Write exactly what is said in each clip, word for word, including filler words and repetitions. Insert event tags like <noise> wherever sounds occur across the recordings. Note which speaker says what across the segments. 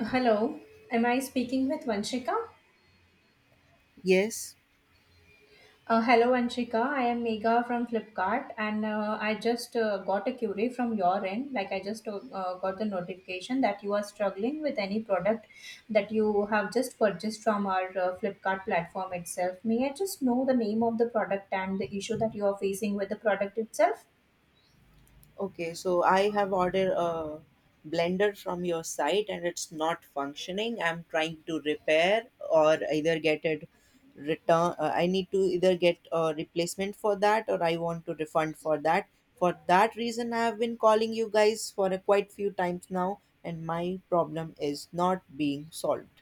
Speaker 1: Hello, am I speaking with Vanshika?
Speaker 2: Yes.
Speaker 1: Uh, hello, Vanshika. I am Mega from Flipkart, and uh, I just uh, got a query from your end. Like, I just uh, uh, got the notification that you are struggling with any product that you have just purchased from our uh, Flipkart platform itself. May I just know the name of the product and the issue that you are facing with the product itself?
Speaker 2: Okay. So I have ordered a blender from your site and it's not functioning. I'm trying to repair or either get it return. Uh, I need to either get a replacement for that or I want to refund for that. For that reason, I have been calling you guys for a quite few times now, and my problem is not being solved.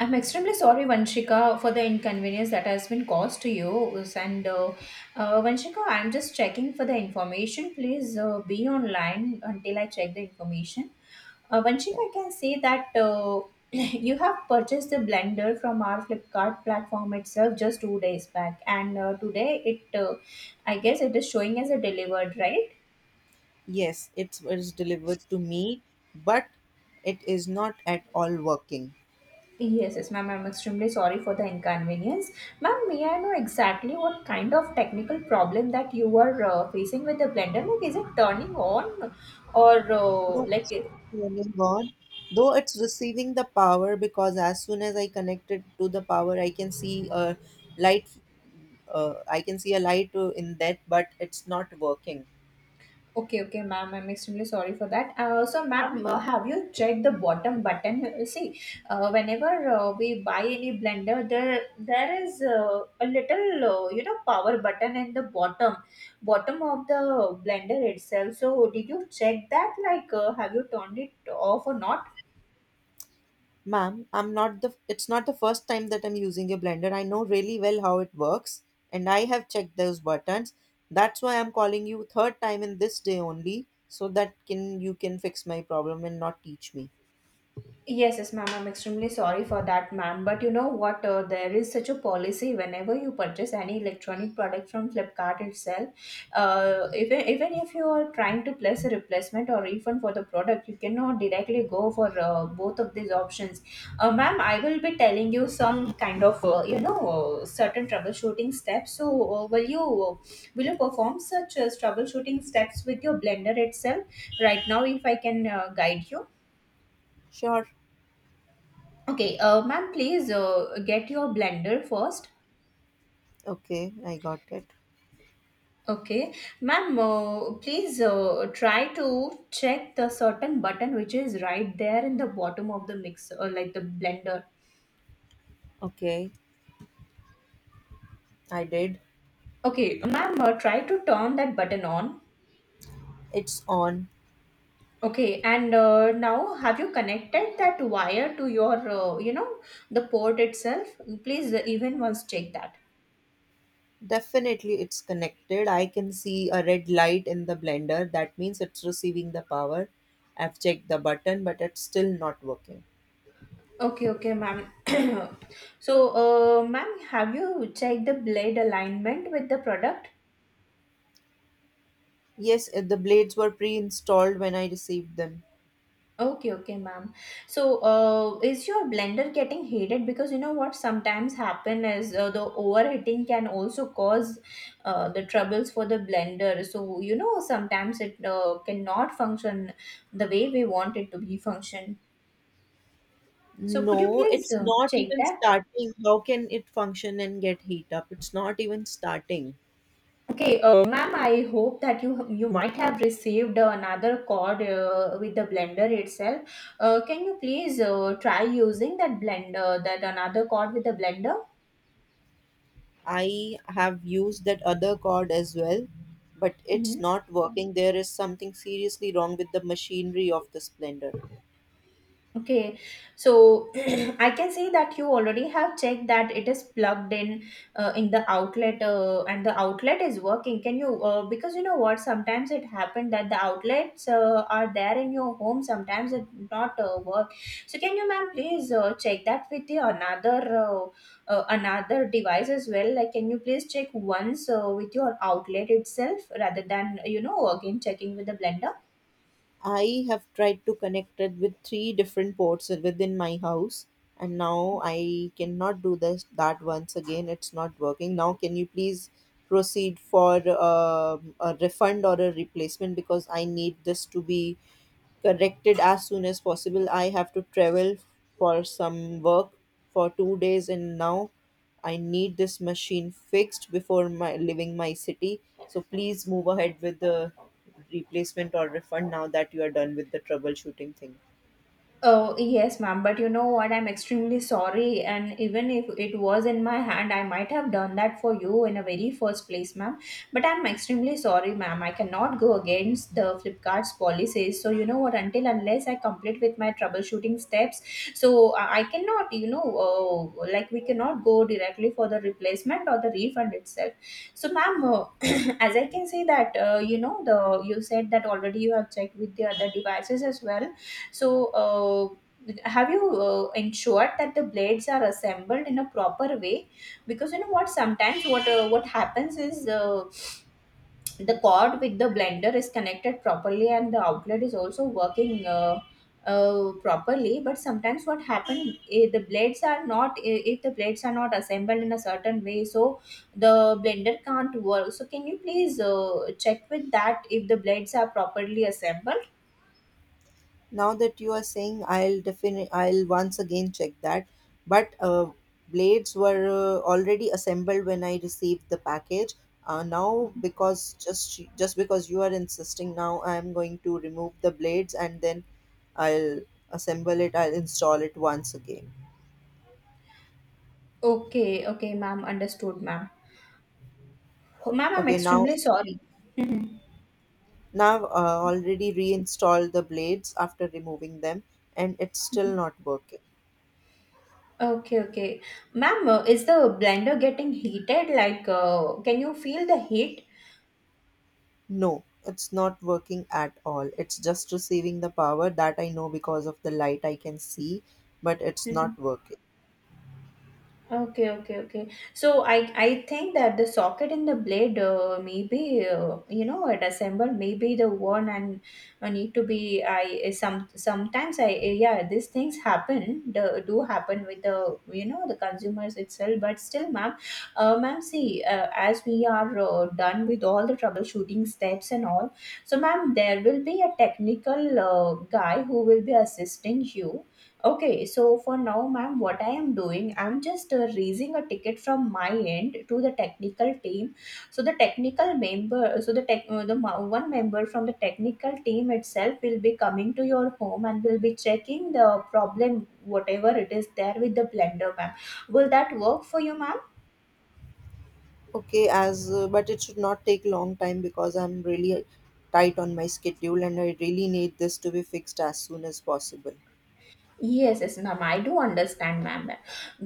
Speaker 1: I'm extremely sorry, Vanshika, for the inconvenience that has been caused to you. And uh, uh, Vanshika, I'm just checking for the information. Please uh, be online until I check the information. Uh, Vanshika,
Speaker 2: So
Speaker 1: I can say that uh, <clears throat> you have purchased the blender from our Flipkart platform itself just two days back, and uh, today it, uh, I guess, it is showing as a delivered, right?
Speaker 2: yes, it was delivered to me, but it is not at all working.
Speaker 1: Yes, yes, ma'am. I'm extremely sorry for the inconvenience. Ma'am, may I know exactly what kind of technical problem that you are uh, facing with the blender? Like, is it turning on or uh,
Speaker 2: No,
Speaker 1: like.
Speaker 2: it's not turning on, though it's receiving the power because as soon as I connect it to the power, I can see a light. Uh, I can see a light uh, in that, but it's not working.
Speaker 1: Okay, okay, ma'am. I'm extremely sorry for that. Uh, so, ma'am, uh, have you checked the bottom button? Uh, See, uh, whenever uh, we buy any blender, there there is uh, a little, uh, you know, power button in the bottom, bottom of the blender itself. So, did you check that? Like, uh, have you turned it off or not?
Speaker 2: Ma'am, I'm not the. It's not the first time that I'm using a blender. I know really well how it works, and I have checked those buttons. That's why I'm calling you third time in this day only, so that can you can fix my problem and not teach me.
Speaker 1: Yes, yes, ma'am. I'm extremely sorry for that, ma'am. But you know what? Uh, there is such a policy whenever you purchase any electronic product from Flipkart itself. Uh, even even if you are trying to place a replacement or refund for the product, you cannot directly go for uh, both of these options. Uh, ma'am, I will be telling you some kind of uh, you know uh, certain troubleshooting steps. So uh, will you uh, will you perform such uh, troubleshooting steps with your blender itself right now, if I can uh, guide you?
Speaker 2: Sure.
Speaker 1: Okay, uh, ma'am, please uh, get your blender first.
Speaker 2: Okay, I got it.
Speaker 1: Okay, ma'am, uh, please uh, try to check the certain button which is right there in the bottom of the mixer, or like the blender.
Speaker 2: Okay, I did.
Speaker 1: Okay, ma'am, uh, try to turn that button on.
Speaker 2: It's on.
Speaker 1: Okay, and uh, now have you connected that wire to your, uh, you know, the port itself? Please, uh, even once check that.
Speaker 2: Definitely it's connected. I can see a red light in the blender. That means it's receiving the power. I've checked the button, but it's still not working.
Speaker 1: Okay, okay, ma'am. <coughs> <clears throat> so, uh, ma'am, have you checked the blade alignment with the product?
Speaker 2: Yes, uh, the blades were pre installed when I received them.
Speaker 1: Okay, okay, ma'am. So, uh, is your blender getting heated? Because you know what sometimes happen is uh, the overheating can also cause uh, the troubles for the blender. So, you know, sometimes it uh, cannot function the way we want it to be function. So, could you
Speaker 2: No,
Speaker 1: please
Speaker 2: it's
Speaker 1: uh,
Speaker 2: not
Speaker 1: check
Speaker 2: even
Speaker 1: that?
Speaker 2: starting. How can it function and get heat up? It's not even starting.
Speaker 1: Okay, uh, ma'am, I hope that you you might have received another cord uh, with the blender itself. Uh, can you please uh, try using that blender, that another cord with the blender?
Speaker 2: I have used that other cord as well, but it's
Speaker 1: Mhm.
Speaker 2: not working. There is something seriously wrong with the machinery of this blender.
Speaker 1: Okay, so <clears throat> I can see that you already have checked that it is plugged in uh, in the outlet uh, and the outlet is working. Can you, uh, because you know what, sometimes it happened that the outlets uh, are there in your home, sometimes it not uh, work. So can you, ma'am, please uh, check that with the another uh, uh, another device as well? Like, can you please check once uh, with your outlet itself rather than, you know, again checking with the blender?
Speaker 2: I have tried to connect it with three different ports within my house, and now I cannot do this that once again. It's not working. Now, can you please proceed for um a refund or a replacement because I need this to be corrected as soon as possible. I have to travel for some work for two days, and now I need this machine fixed before my leaving my city. So please move ahead with the replacement or refund now that you are done with the troubleshooting thing.
Speaker 1: Oh, yes, ma'am, but you know what? I'm extremely sorry. And even if it was in my hand, I might have done that for you in a very first place, ma'am. But I'm extremely sorry, ma'am. I cannot go against the Flipkart's policies. So, you know what? Until unless I complete with my troubleshooting steps, so I I cannot, you know, uh, like we cannot go directly for the replacement or the refund itself. So, ma'am, uh, <clears throat> as I can say that uh, you know the you said that already you have checked with the other devices as well, so uh, have you uh, ensured that the blades are assembled in a proper way, because you know what sometimes what uh, what happens is, uh, the cord with the blender is connected properly and the outlet is also working uh, uh, properly, but sometimes what happens, the blades are not eh, if the blades are not assembled in a certain way, so the blender can't work. So can you please uh, check with that if the blades are properly assembled?
Speaker 2: Now that you are saying, I'll definitely, I'll once again check that. But uh, blades were uh, already assembled when I received the package. Uh, now, because just just because you are insisting, now I'm going to remove the blades and then I'll assemble it. I'll install it once again.
Speaker 1: Okay, okay, ma'am, understood, ma'am. Ma'am, I'm
Speaker 2: Okay, now
Speaker 1: extremely sorry. Mhm.
Speaker 2: now uh, already reinstalled the blades after removing them, and it's still not working.
Speaker 1: Okay, okay, ma'am, uh, is the blender getting heated? Like uh, can you feel the heat?
Speaker 2: No, it's not working at all. It's just receiving the power that I know because of the light I can see, but it's not
Speaker 1: <laughs>
Speaker 2: working.
Speaker 1: Okay, okay, okay. So I I think that the socket in the blade uh, maybe uh, you know it assembled maybe the one and uh, need to be, I some sometimes I, yeah, these things happen, the, do happen with the, you know, the consumers itself, but still, ma'am, uh, ma'am, see, uh, as we are uh, done with all the troubleshooting steps and all, so ma'am there will be a technical uh, guy who will be assisting you. Okay, so for now, ma'am, what I am doing, I'm just uh, raising a ticket from my end to the technical team. So the technical member, so the tech, uh, the ma- one member from the technical team itself will be coming to your home and will be checking the problem, whatever it is there with the blender, ma'am. Will that work for you, ma'am?
Speaker 2: Okay, as uh, but it should not take long time because I'm really tight on my schedule and I really need this to be fixed as soon as possible.
Speaker 1: Yes, yes, ma'am. I do understand, ma'am,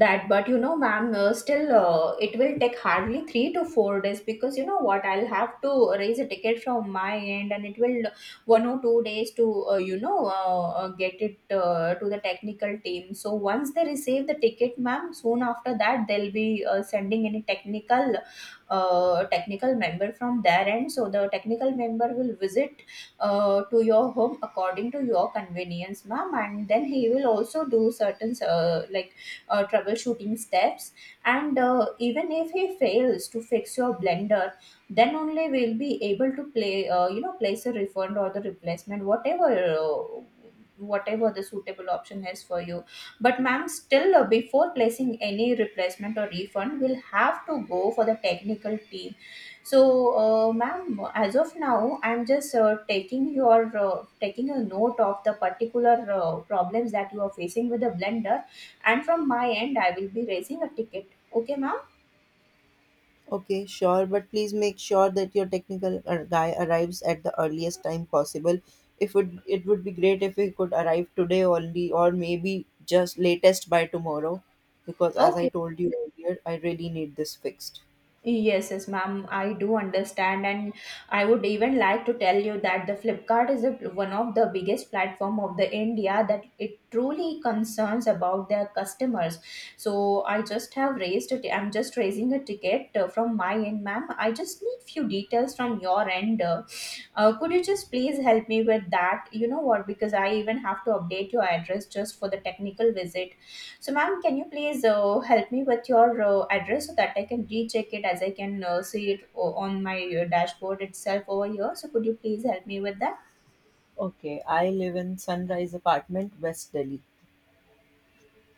Speaker 1: that. But you know, ma'am, uh, still, uh, it will take hardly three to four days, because you know what? I'll have to raise a ticket from my end, and it will uh, one or two days to uh, you know uh, uh, get it uh, to the technical team. So once they receive the ticket, ma'am, soon after that they'll be uh, sending any technical, uh, technical member from their end. So the technical member will visit uh, to your home according to your convenience, ma'am, and then he will also do certain uh, like uh, troubleshooting steps, and uh, even if he fails to fix your blender, then only we'll be able to play uh, you know place a refund or the replacement, whatever uh, whatever the suitable option is for you. But ma'am still, uh, before placing any replacement or refund we'll have to go for the technical team. So, uh, ma'am, as of now, I'm just uh, taking your uh, taking a note of the particular uh, problems that you are facing with the blender, and from my end, I will be raising a ticket. Okay, ma'am.
Speaker 2: Okay, sure, but please make sure that your technical uh, guy arrives at the earliest time possible. If it, it would be great if he could arrive today only, or maybe just latest by tomorrow, because as I
Speaker 1: Okay.
Speaker 2: told you earlier, I really need this fixed.
Speaker 1: Yes, yes, ma'am. I do understand, and I would even like to tell you that the Flipkart is a, one of the biggest platform of the India, that it truly concerns about their customers. So I just have raised it. I'm just raising a ticket uh, from my end, ma'am. I just need few details from your end. Uh, uh, could you just please help me with that? You know what? Because I even have to update your address just for the technical visit. So, ma'am, can you please uh, help me with your uh, address so that I can recheck it, as I can uh, see it o- on my uh, dashboard itself over here? So, could you please help me with that?
Speaker 2: Okay, I live in Sunrise Apartment, West Delhi.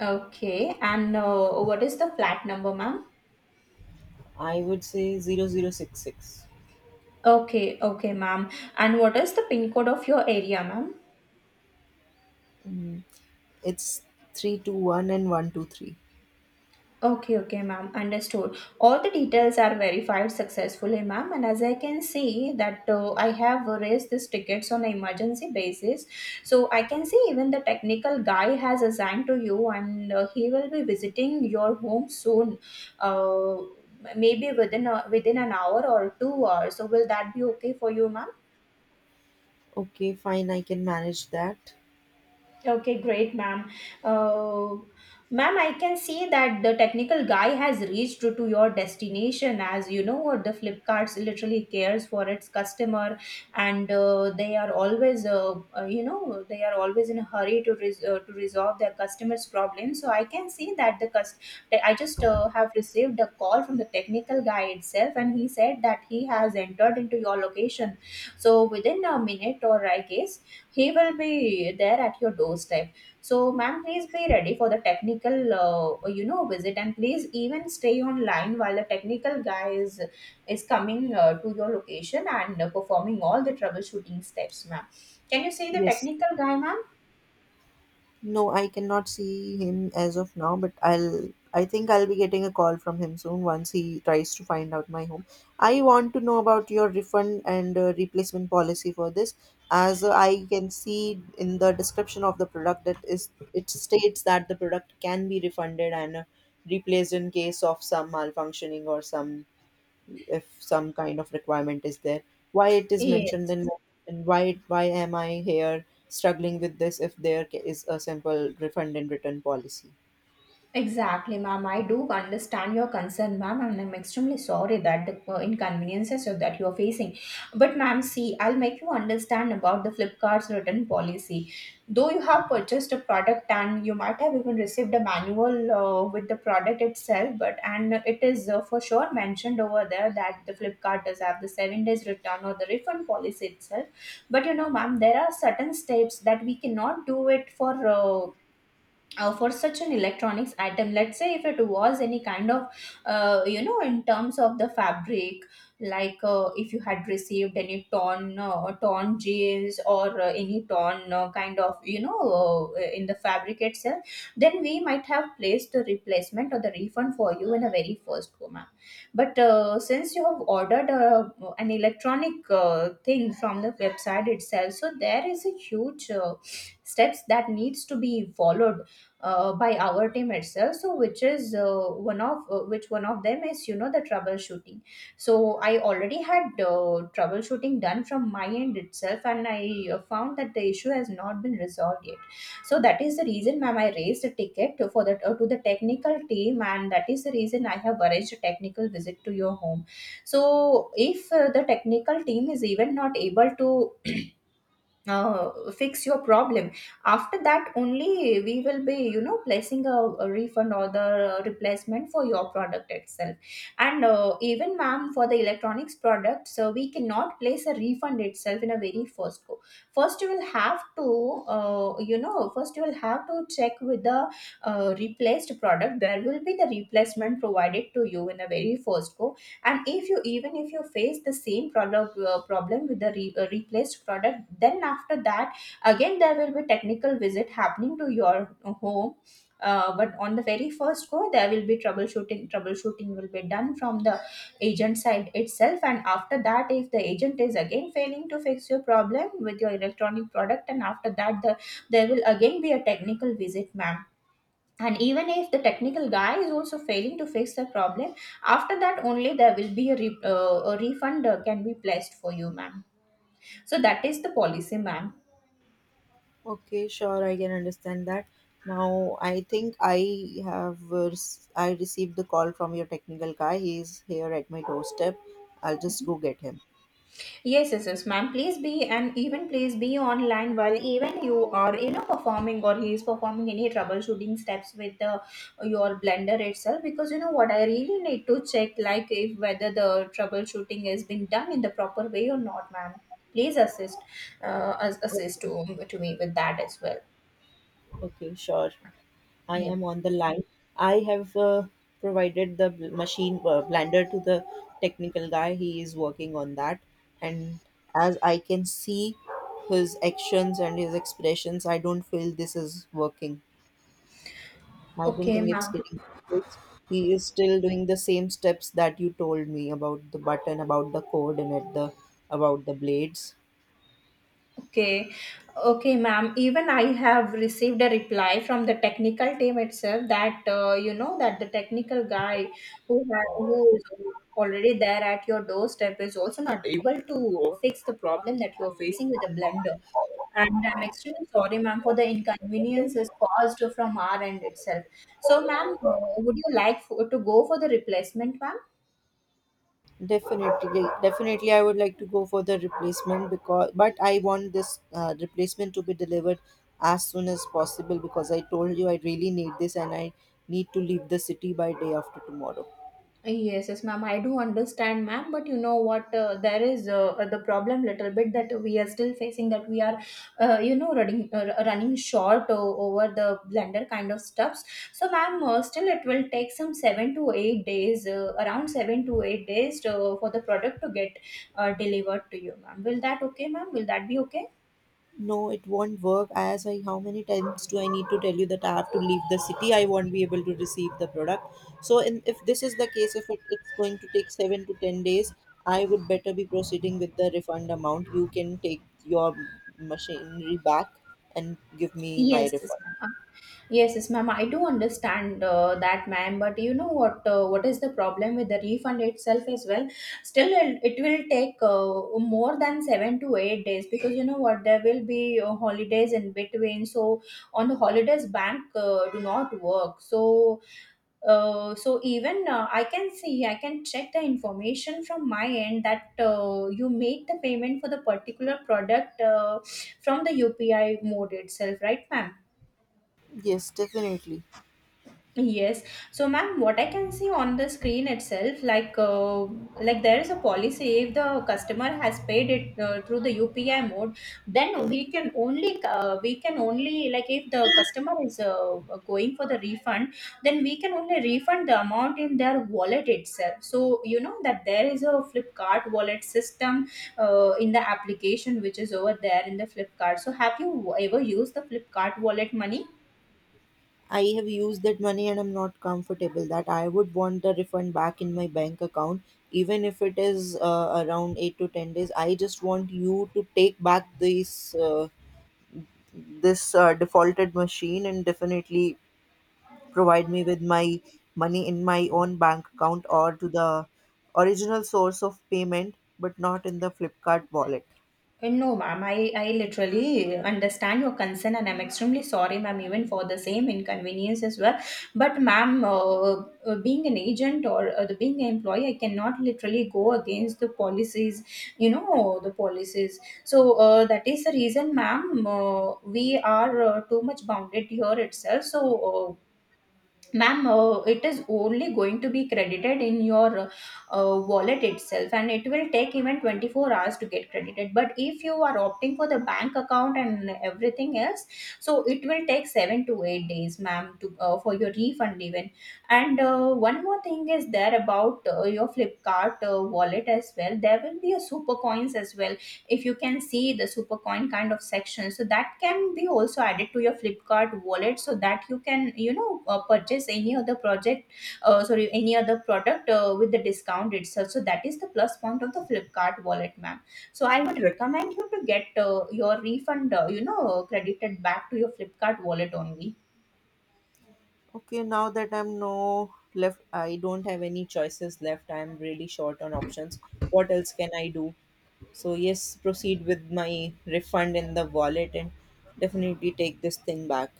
Speaker 1: Okay, and uh, what is the flat number, ma'am?
Speaker 2: I would say zero zero six six.
Speaker 1: Okay, okay, ma'am. And what is the pin code of your area, ma'am?
Speaker 2: Mm, it's three two one and one two three.
Speaker 1: Okay, okay, ma'am. Understood. All the details are verified successfully, ma'am. And as I can see that uh, I have raised these tickets on an emergency basis, so I can see even the technical guy has assigned to you, and uh, he will be visiting your home soon. Uh, Maybe within a, within an hour or two hours. So will that be okay for you, ma'am?
Speaker 2: Okay, fine, I can manage that.
Speaker 1: Okay, great, ma'am. Uh, Ma'am, I can see that the technical guy has reached to your destination. As you know, the Flipkarts literally cares for its customer, and uh, they are always, uh, uh, you know, they are always in a hurry to res- uh, to resolve their customers' problems. So I can see that the cust- I just uh, have received a call from the technical guy itself, and he said that he has entered into your location. So within a minute, or I guess he will be there at your doorstep. So, ma'am, please be ready for the technical, uh, you know, visit, and please even stay online while the technical guy is is coming uh, to your location and uh, performing all the troubleshooting steps, ma'am. Can you see the
Speaker 2: Yes,
Speaker 1: technical guy, ma'am?
Speaker 2: no, I cannot see him as of now, but I'll I think I'll be getting a call from him soon once he tries to find out my home. I want to know about your refund and uh, replacement policy for this, as uh, I can see in the description of the product that is it states that the product can be refunded and uh, replaced in case of some malfunctioning or some if some kind of requirement is there, why it is mentioned
Speaker 1: Yes.
Speaker 2: in. And why why am I here struggling with this if there ca- is a simple refund and return policy?
Speaker 1: Exactly, ma'am. I do understand your concern, ma'am, and I'm extremely sorry that the uh, inconveniences are- that you're facing. But, ma'am, see, I'll make you understand about the Flipkart's return policy. Though you have purchased a product and you might have even received a manual uh, with the product itself, but and it is uh, for sure mentioned over there that the Flipkart does have the seven days return or the refund policy itself. But you know, ma'am, there are certain steps that we cannot do it for uh, uh, for such an electronics item, let's say if it was any kind of uh, you know in terms of the fabric, like uh, if you had received any torn uh, torn jeans or uh, any torn uh, kind of you know uh, in the fabric itself, then we might have placed the replacement or the refund for you in a very first go, ma'am. But uh, since you have ordered uh, an electronic uh, thing from the website itself, so there is a huge uh, steps that needs to be followed uh, by our team itself, so which is uh, one of uh, which one of them is you know the troubleshooting. So I already had uh, troubleshooting done from my end itself, and I uh, found that the issue has not been resolved yet. So that is the reason, ma'am, I raised a ticket to- for that uh, to the technical team, and that is the reason I have arranged a technical visit to your home. So if uh, the technical team is even not able to uh, fix your problem, after that only we will be you know placing a, a refund or the replacement for your product itself. And uh, even, ma'am, for the electronics product, so we cannot place a refund itself in a very first go. first you will have to uh, you know first you will have to check with the uh, replaced product. There will be the replacement provided to you in a very first go, and if you even if you face the same product uh, problem with the re- uh, replaced product, then after that again there will be technical visit happening to your home. Uh, but on the very first go there will be troubleshooting. Troubleshooting will be done from the agent side itself, and after that if the agent is again failing to fix your problem with your electronic product, and after that the, there will again be a technical visit, ma'am. And even if the technical guy is also failing to fix the problem, after that only there will be a, re- uh, a refund uh, can be placed for you, ma'am. So that is the policy, ma'am.
Speaker 2: Okay, sure, I can understand that. Now I think i have uh, rec- i received the call from your technical guy. He's here at my doorstep. I'll just go get him.
Speaker 1: Yes, yes, yes, ma'am, please be and even please be online while even you are you know performing, or he is performing, any troubleshooting steps with the, your blender itself, because you know what, I really need to check like if whether the troubleshooting is being done in the proper way or not, ma'am. Please assist, uh, as-
Speaker 2: O-
Speaker 1: assist to, to me with that as well.
Speaker 2: okay, sure, I
Speaker 1: Yeah.
Speaker 2: am on the line. I have uh, provided the bl- machine uh, blender to the technical guy. He is working on that. And as I can see his actions and his expressions, I don't feel this is working. I don't
Speaker 1: Okay,
Speaker 2: think it's
Speaker 1: ma'am.
Speaker 2: getting fixed. He is still doing the same steps that you told me about the button, about the cord, and at the about the blades.
Speaker 1: Okay. Okay, ma'am. Even I have received a reply from the technical team itself that uh, you know that the technical guy who ha- who is already there at your doorstep is also not able to fix the problem that you're facing with the blender. And I'm extremely sorry, ma'am, for the inconveniences caused from our end itself. So, ma'am, uh, would you like for, to go for the replacement, ma'am?
Speaker 2: Definitely, definitely, I would like to go for the replacement because, but I want this uh, replacement to be delivered as soon as possible because I told you I really need this and I need to leave the city by day after tomorrow.
Speaker 1: Yes, yes, ma'am. I do understand, ma'am. But you know what? Uh, there is uh, uh, the problem, little bit, that we are still facing. That we are, uh, you know, running uh, running short uh, over the blender kind of stuffs. So, ma'am, uh, still it will take some seven to eight days, uh, around seven to eight days, to, for the product to get uh, delivered to you, ma'am. Will that okay, ma'am? Will that be okay?
Speaker 2: No, it won't work. As I, how many times do I need to tell you that I have to leave the city? I won't be able to receive the product. So, in, if this is the case, if it, it's going to take seven to ten days, I would better be proceeding with the refund amount. You can take your machinery back and give me my
Speaker 1: Yes, yes,
Speaker 2: refund.
Speaker 1: ma'am. Yes, yes, ma'am. I do understand uh, that, ma'am. But you know what? Uh, what is the problem with the refund itself as well? Still, it it will take uh, more than seven to eight days, because you know what? There will be uh, holidays in between. So on the holidays, bank uh, do not work. So uh, so even uh, I can see, I can check the information from my end that uh, you made the payment for the particular product uh, from the U P I mode itself, right, ma'am?
Speaker 2: Yes, definitely.
Speaker 1: Yes. So, ma'am, what I can see on the screen itself, like uh, like there is a policy. If the customer has paid it uh, through the U P I mode, then we can only uh, we can only, like, if the customer is uh, going for the refund, then we can only refund the amount in their wallet itself. So you know that there is a Flipkart wallet system uh, in the application, which is over there in the Flipkart. So have you ever used the Flipkart wallet money?
Speaker 2: I have used that money and I'm not comfortable that I would want the refund back in my bank account, even if it is uh, around eight to ten days. I just want you to take back this uh, this uh, defaulted machine and definitely provide me with my money in my own bank account or to the original source of payment, but not in the Flipkart wallet.
Speaker 1: Uh, No, ma'am, I, I literally understand your concern, and I'm extremely sorry, ma'am, even for the same inconvenience as well. But, ma'am, uh, uh, being an agent, or uh, the, being an employee, I cannot literally go against the policies, you know, the policies. So, uh, that is the reason, ma'am, uh, we are uh, too much bounded here itself. So, uh, ma'am, uh, it is only going to be credited in your uh, wallet itself, and it will take even twenty-four hours to get credited. But if you are opting for the bank account and everything else, so it will take seven to eight days, ma'am, to uh, for your refund even. And uh, one more thing is there about uh, your Flipkart uh, wallet as well. There will be a super coins as well. If you can see the supercoin kind of section, so that can be also added to your Flipkart wallet, so that you can you know uh, purchase any other project, uh, sorry, any other product uh, with the discount itself. So that is the plus point of the Flipkart wallet, ma'am. So I would recommend you to get uh, your refund uh, you know credited back to your Flipkart wallet only.
Speaker 2: Okay, now that I'm no left, I don't have any choices left. I'm really short on options. What else can I do? So yes, proceed with my refund in the wallet and definitely take this thing back.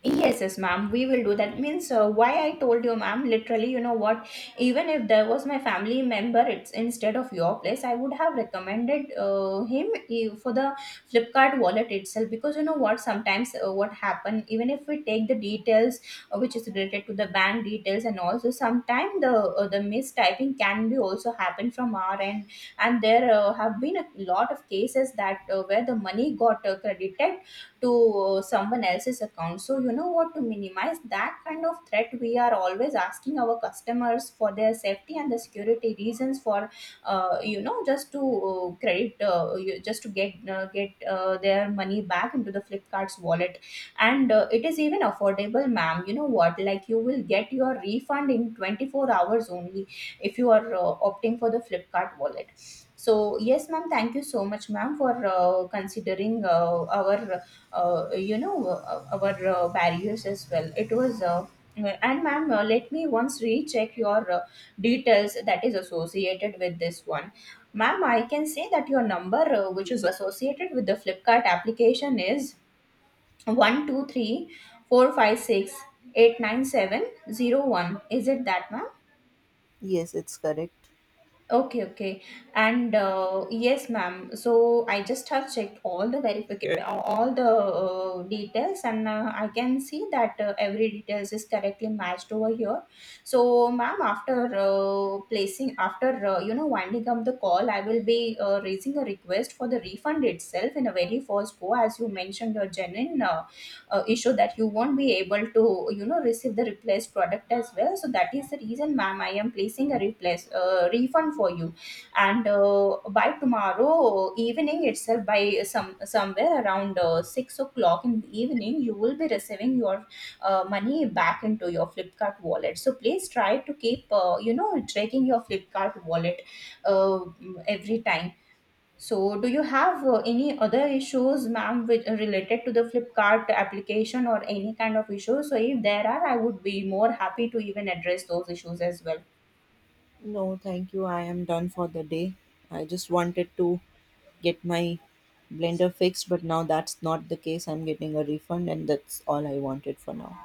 Speaker 1: Yes, yes, ma'am. We will do that. Means, uh, why I told you, ma'am. Literally, you know what? Even if there was my family member, it's instead of your place, I would have recommended uh, him eh, for the Flipkart wallet itself. Because you know what? Sometimes uh, what happen, even if we take the details uh, which is related to the bank details, and also sometimes the uh, the mistyping can be also happen from our end. And there uh, have been a lot of cases that uh, where the money got uh, credited to uh, someone else's account. So you know what, to minimize that kind of threat, we are always asking our customers for their safety and the security reasons for, uh, you know just to uh, credit, uh, you- just to get uh, get uh, their money back into the Flipkart's wallet. And uh, it is even affordable, ma'am. You know what, like, you will get your refund in twenty-four hours only, if you are uh, opting for the Flipkart wallet. So, yes, ma'am, thank you so much, ma'am, for uh, considering uh, our uh, you know, uh, our uh, barriers as well. It was. Uh, and, ma'am, uh, let me once recheck your uh, details that is associated with this one. Ma'am, I can say that your number, uh, which is associated with the Flipkart application, is one two three four five six eight nine seven zero one. Is it that, ma'am?
Speaker 2: Yes, it's correct.
Speaker 1: Okay, okay. And uh, yes, ma'am. So I just have checked all the verification, all the uh, details, and uh, I can see that uh, every details is correctly matched over here. So, ma'am, after uh, placing, after uh, you know winding up the call, I will be uh, raising a request for the refund itself in a very first go, as you mentioned your genuine uh, uh, issue that you won't be able to you know receive the replaced product as well. So that is the reason, ma'am, I am placing a replace uh, refund for you. And uh, by tomorrow evening itself, by some somewhere around uh, six o'clock in the evening, you will be receiving your uh, money back into your Flipkart wallet. So please try to keep uh, you know checking your Flipkart wallet uh, every time. So, do you have uh, any other issues, ma'am, which are related to the Flipkart application or any kind of issues? So, if there are, I would be more happy to even address those issues as well.
Speaker 2: No, thank you. I am done for the day. I just wanted to get my blender fixed, but now that's not the case. I'm getting a refund, and that's all I wanted for now.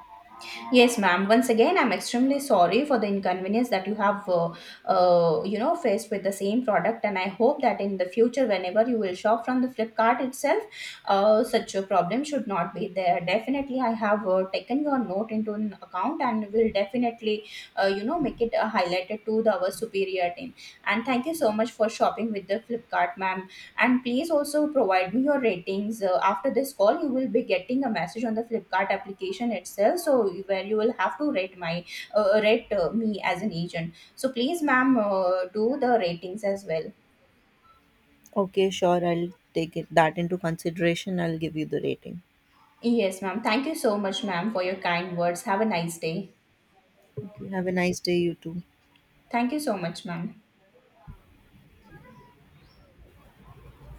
Speaker 1: Yes, ma'am. Once again, I'm extremely sorry for the inconvenience that you have, uh, uh, you know, faced with the same product. And I hope that in the future, whenever you will shop from the Flipkart itself, uh, such a problem should not be there. Definitely, I have uh, taken your note into an account, and will definitely, uh, you know, make it uh, highlighted to the, our superior team. And thank you so much for shopping with the Flipkart, ma'am. And please also provide me your ratings. Uh, after this call, you will be getting a message on the Flipkart application itself, so where you will have to rate my uh, rate uh, me as an agent. So please, ma'am, uh, do the ratings as well.
Speaker 2: Okay, sure. I'll take it that into consideration. I'll give you the rating.
Speaker 1: Yes, ma'am. Thank you so much, ma'am, for your kind words. Have a nice day.
Speaker 2: Okay, have a nice day, you too.
Speaker 1: Thank you so much, ma'am.